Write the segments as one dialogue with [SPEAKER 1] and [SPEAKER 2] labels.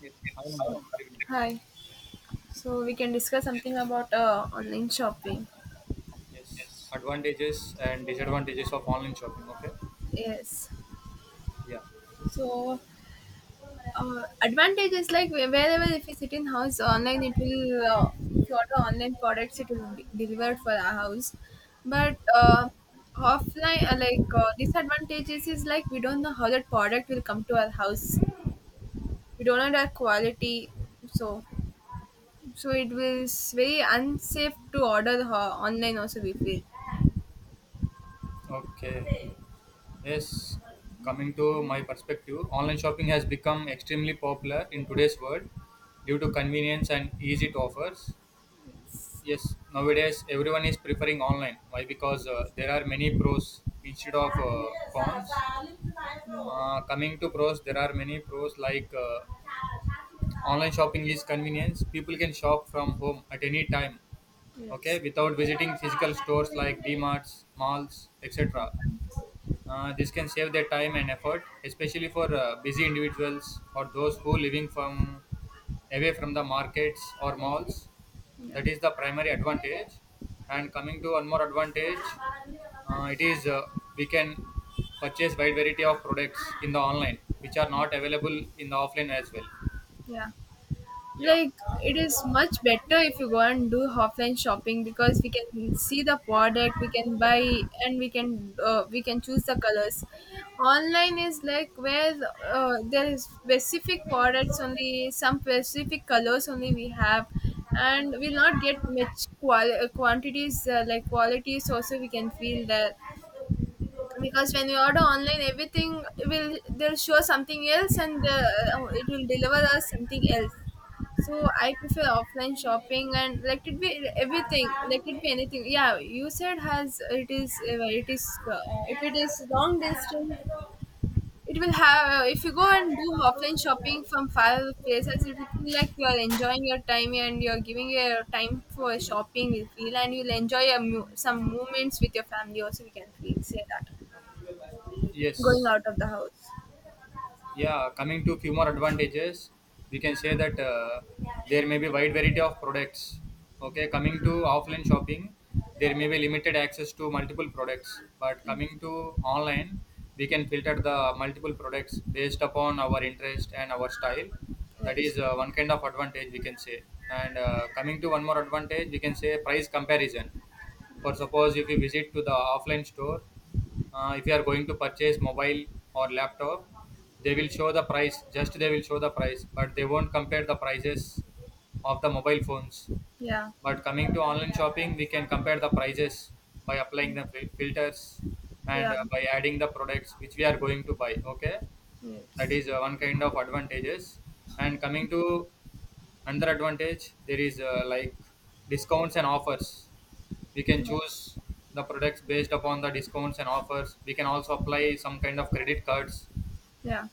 [SPEAKER 1] Yes, I am evening.
[SPEAKER 2] Hi. So we can discuss
[SPEAKER 1] Yes.
[SPEAKER 2] something about online shopping.
[SPEAKER 1] Yes. Advantages and disadvantages of online shopping. Okay.
[SPEAKER 2] Yes.
[SPEAKER 1] Yeah.
[SPEAKER 2] So advantage is like wherever if you sit in house online, it will if you order online products, it will be delivered for our house. But offline, like disadvantages is like we don't know how that product will come to our house. We don't know that quality. So so it was very unsafe to order online. Also, we feel.
[SPEAKER 1] Okay. Yes. Coming to my perspective, online shopping has become extremely popular in today's world due to convenience and ease it offers. Yes, nowadays everyone is preferring online. Why? Because there are many pros instead of cons.
[SPEAKER 2] Yeah.
[SPEAKER 1] Coming to pros, there are many pros like online shopping is convenience. People can shop from home at any time, okay,
[SPEAKER 2] Yes.
[SPEAKER 1] without visiting physical stores like D Mart's, malls, etc. This can save their time and effort, especially for busy individuals or those who living from away from the markets or malls.
[SPEAKER 2] Yeah.
[SPEAKER 1] That is the primary advantage. And coming to one more advantage, it is we can purchase wide variety of products in the online, which are not available in the offline as well.
[SPEAKER 2] Yeah.
[SPEAKER 1] Yeah.
[SPEAKER 2] Like it is much better if you go and do offline shopping because we can see the product we can buy and we can choose the colors. Online is like where there is specific products only some specific colors only we have, and we'll not get much qual quantities like qualities also we can feel that because when we order online everything will they'll show something else and it will deliver us something else. So I prefer offline shopping and let it be everything, let it be anything. Yeah, you said has it is if it is long distance, it will have. If you go and do offline shopping from far places, it will feel like you are enjoying your time and you are giving your time for shopping. You feel and you'll enjoy your some moments with your family. Also, we can feel say that going
[SPEAKER 1] Yes.
[SPEAKER 2] out of the house.
[SPEAKER 1] Yeah, coming to few more advantages, we can say that there may be wide variety of products. Okay, coming to offline shopping, there may be limited access to multiple products, but coming to online, we can filter the multiple products based upon our interest and our style. That
[SPEAKER 2] Yes.
[SPEAKER 1] is one kind of advantage, we can say. And coming to one more advantage, we can say price comparison. For suppose, if you visit to the offline store, if you are going to purchase mobile or laptop, they will show the price, just they will show the price, but they won't compare the prices of the mobile phones.
[SPEAKER 2] Yeah.
[SPEAKER 1] But coming to online shopping, we can compare the prices by applying the filters, and
[SPEAKER 2] Yeah.
[SPEAKER 1] by adding the products which we are going to buy, okay. That
[SPEAKER 2] Yes.
[SPEAKER 1] is one kind of advantages. And coming to another advantage, there is like discounts and offers. We can
[SPEAKER 2] Yeah.
[SPEAKER 1] choose the products based upon the discounts and offers. We can also apply some kind of credit cards.
[SPEAKER 2] Yeah.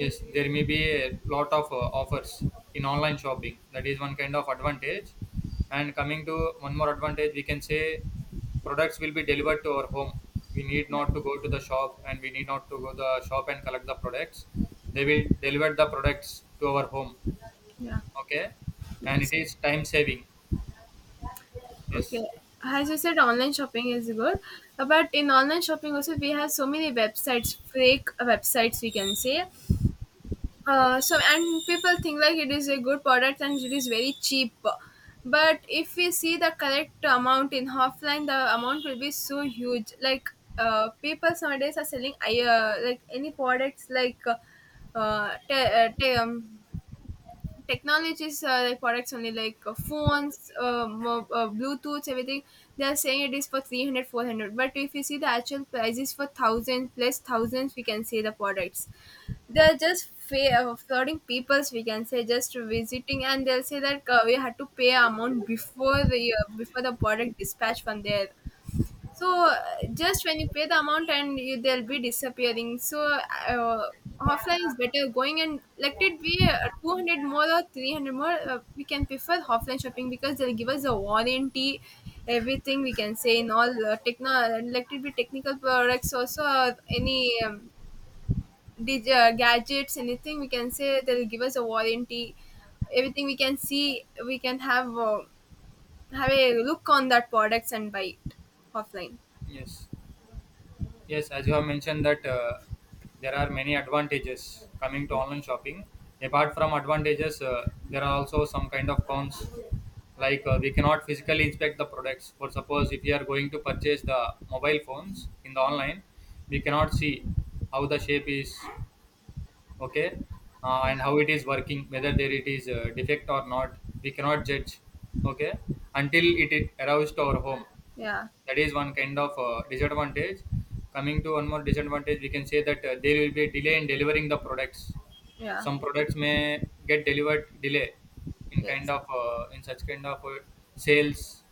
[SPEAKER 1] Yes, there may be a lot of offers in online shopping. That is one kind of advantage. And coming to one more advantage, we can say products will be delivered to our home. We need
[SPEAKER 2] Yeah.
[SPEAKER 1] not to go to the shop, and we need not to go to the shop and collect the products. They will deliver the products to our home.
[SPEAKER 2] Yeah.
[SPEAKER 1] Okay. And it
[SPEAKER 2] Yes.
[SPEAKER 1] is time saving. Yes.
[SPEAKER 2] Okay, as you said, online shopping is good, but in online shopping also we have so many websites, fake websites we can say. So and people think like it is a good product and it is very cheap, but if we see the correct amount in offline, the amount will be so huge. Like people nowadays are selling like any products like uh, te- uh, te- um, technologies like products only like phones bluetooth everything. They are saying it is for 300, 400. But if you see the actual prices for 1,000 plus thousands we can see the products. They're just flooding peoples we can say just visiting, and they'll say that we had to pay amount before the product dispatch from there. So just when you pay the amount and you, they'll be disappearing. So uh, offline is better going, and let it be 200 more or 300 more we can prefer offline shopping because they'll give us a warranty everything we can say in all techno let it be technical products also or any gadgets anything we can say they'll give us a warranty everything we can see we can have a look on that products and buy it offline.
[SPEAKER 1] Yes. Yes, as you have mentioned that there are many advantages coming to online shopping. Apart from advantages, there are also some kind of cons. Like we cannot physically inspect the products. For suppose, if we are going to purchase the mobile phones in the online, we cannot see how the shape is, okay. And
[SPEAKER 2] Yeah.
[SPEAKER 1] how it is working, whether there it is defect or not. We cannot judge, okay, until it arrives to our home.
[SPEAKER 2] Yeah.
[SPEAKER 1] That is one kind of disadvantage. Coming to one more disadvantage, we can say that there will be a delay in delivering the products.
[SPEAKER 2] Yeah.
[SPEAKER 1] Some products may get delivered delay in kind
[SPEAKER 2] Yes.
[SPEAKER 1] of in such kind of sales.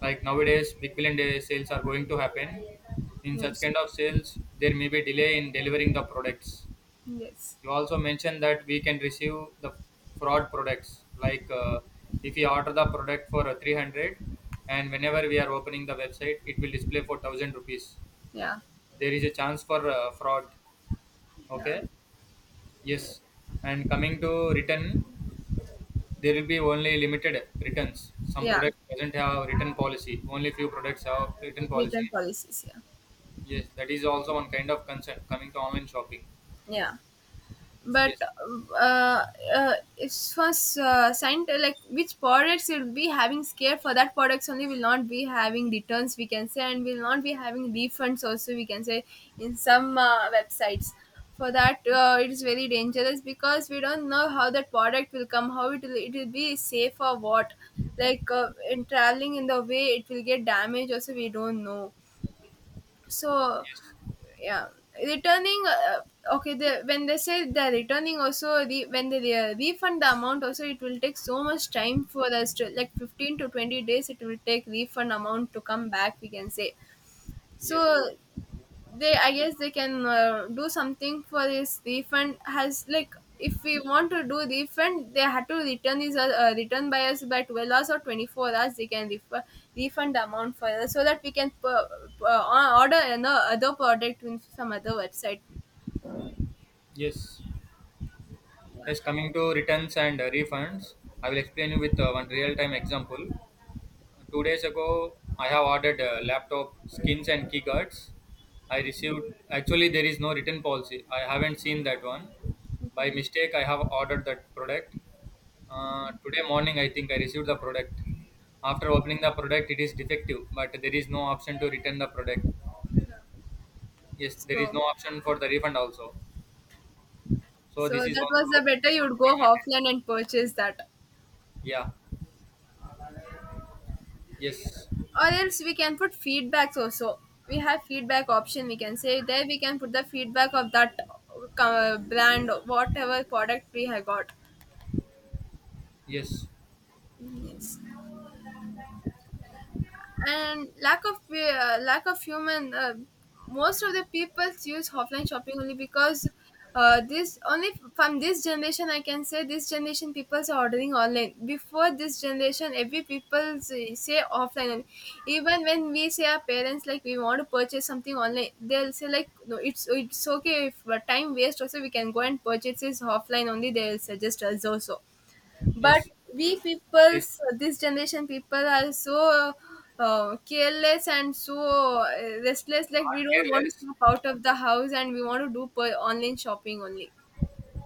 [SPEAKER 1] Like nowadays, big billion day sales are going to happen. In such
[SPEAKER 2] Yes.
[SPEAKER 1] kind of sales, there may be delay in delivering the products.
[SPEAKER 2] Yes.
[SPEAKER 1] You also mentioned that we can receive the fraud products, like if we order the product for 300, and whenever we are opening the website, it will display for 1000 rupees.
[SPEAKER 2] Yeah.
[SPEAKER 1] There is a chance for fraud,
[SPEAKER 2] Yeah.
[SPEAKER 1] okay.
[SPEAKER 2] Yeah.
[SPEAKER 1] Yes. And coming to return, there will be only limited returns. Some
[SPEAKER 2] Yeah.
[SPEAKER 1] products doesn't have return policy, only few products have return policy.
[SPEAKER 2] Return policies. Yeah.
[SPEAKER 1] Yes, that is also one kind of concern coming to online shopping.
[SPEAKER 2] Yeah. But
[SPEAKER 1] Yes.
[SPEAKER 2] uh, it's for like which products will be having scare for that products only will not be having returns we can say, and will not be having refunds also we can say in some websites. For that it is very dangerous because we don't know how that product will come, how it will be safe or what. Like in traveling in the way it will get damaged also we don't know. So
[SPEAKER 1] Yes.
[SPEAKER 2] yeah, returning okay the when they say they're returning also when they refund the amount also it will take so much time for us, to like 15 to 20 days it will take refund amount to come back we can say. So
[SPEAKER 1] Yes.
[SPEAKER 2] they I guess they can do something for this refund has, like if we want to do refund they had to return is return by us by 12 hours or 24 hours they can refund the amount for us so that we can order another other product in some other website.
[SPEAKER 1] Yes. Yes, coming to returns and refunds, I will explain you with one real-time example. 2 days ago, I have ordered laptop skins and keycards. I received actually there is no return policy. I haven't seen that one. By
[SPEAKER 2] Okay.
[SPEAKER 1] mistake, I have ordered that product. Today morning, I think I received the product. After opening the product, it is defective, but there is no option to return the product. Yes, there is
[SPEAKER 2] so
[SPEAKER 1] no option for the refund also. So
[SPEAKER 2] so
[SPEAKER 1] this is
[SPEAKER 2] that
[SPEAKER 1] also
[SPEAKER 2] was
[SPEAKER 1] a
[SPEAKER 2] the
[SPEAKER 1] big
[SPEAKER 2] better you'd go
[SPEAKER 1] advantage.
[SPEAKER 2] offline and purchase that,
[SPEAKER 1] Yeah. Yes.
[SPEAKER 2] or else we can put feedbacks also, we have feedback option we can say, there we can put the feedback of that brand whatever product we have got.
[SPEAKER 1] Yes,
[SPEAKER 2] Yes. And lack of lack of human most of the people use offline shopping only because this only, from this generation I can say this generation people are ordering online, before this generation every people say offline only. Even when we say our parents like we want to purchase something online they'll say like no it's okay, if time waste also we can go and purchase this offline only, they'll suggest us also. But
[SPEAKER 1] yes.
[SPEAKER 2] we
[SPEAKER 1] This
[SPEAKER 2] peoples this generation people are so careless and so uh, restless, like we
[SPEAKER 1] not
[SPEAKER 2] don't want to
[SPEAKER 1] careless.
[SPEAKER 2] step out of the house and we want to do online shopping only.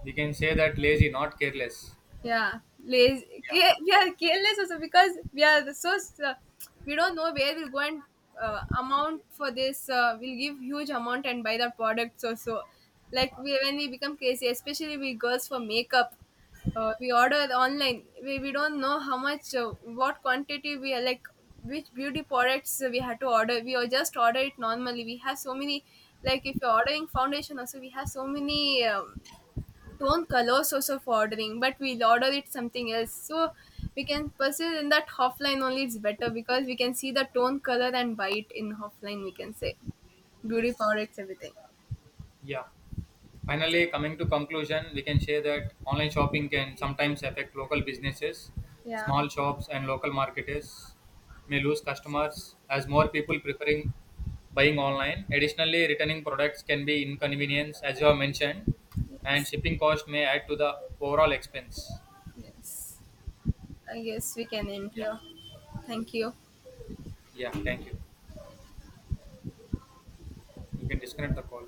[SPEAKER 1] We can say that lazy, not careless.
[SPEAKER 2] Yeah, lazy
[SPEAKER 1] Yeah.
[SPEAKER 2] care, we are careless also because we are so uh, we don't know where we'll go, and amount for this we'll give huge amount and buy the products also, like we when we become crazy especially we girls for makeup. We order online, we don't know how much what quantity we are like which beauty products we had to order, we are just order it normally, we have so many, like if you're ordering foundation also we have so many don't color source of ordering, but we'll order it something else. So we can pursue in that offline only, it's better because we can see the tone, color and buy it in offline we can say. Beauty
[SPEAKER 1] Yes.
[SPEAKER 2] products, everything.
[SPEAKER 1] Yeah. Finally, coming to conclusion, we can say that online shopping can sometimes affect local businesses.
[SPEAKER 2] Yeah.
[SPEAKER 1] Small shops and local marketers may lose customers as more people preferring buying online. Additionally, returning products can be inconvenience, as you have mentioned, and
[SPEAKER 2] Yes.
[SPEAKER 1] shipping cost may add to the overall expense.
[SPEAKER 2] Yes. I guess we can end
[SPEAKER 1] Yeah.
[SPEAKER 2] here. Thank you.
[SPEAKER 1] Yeah. Thank you. You can disconnect the call.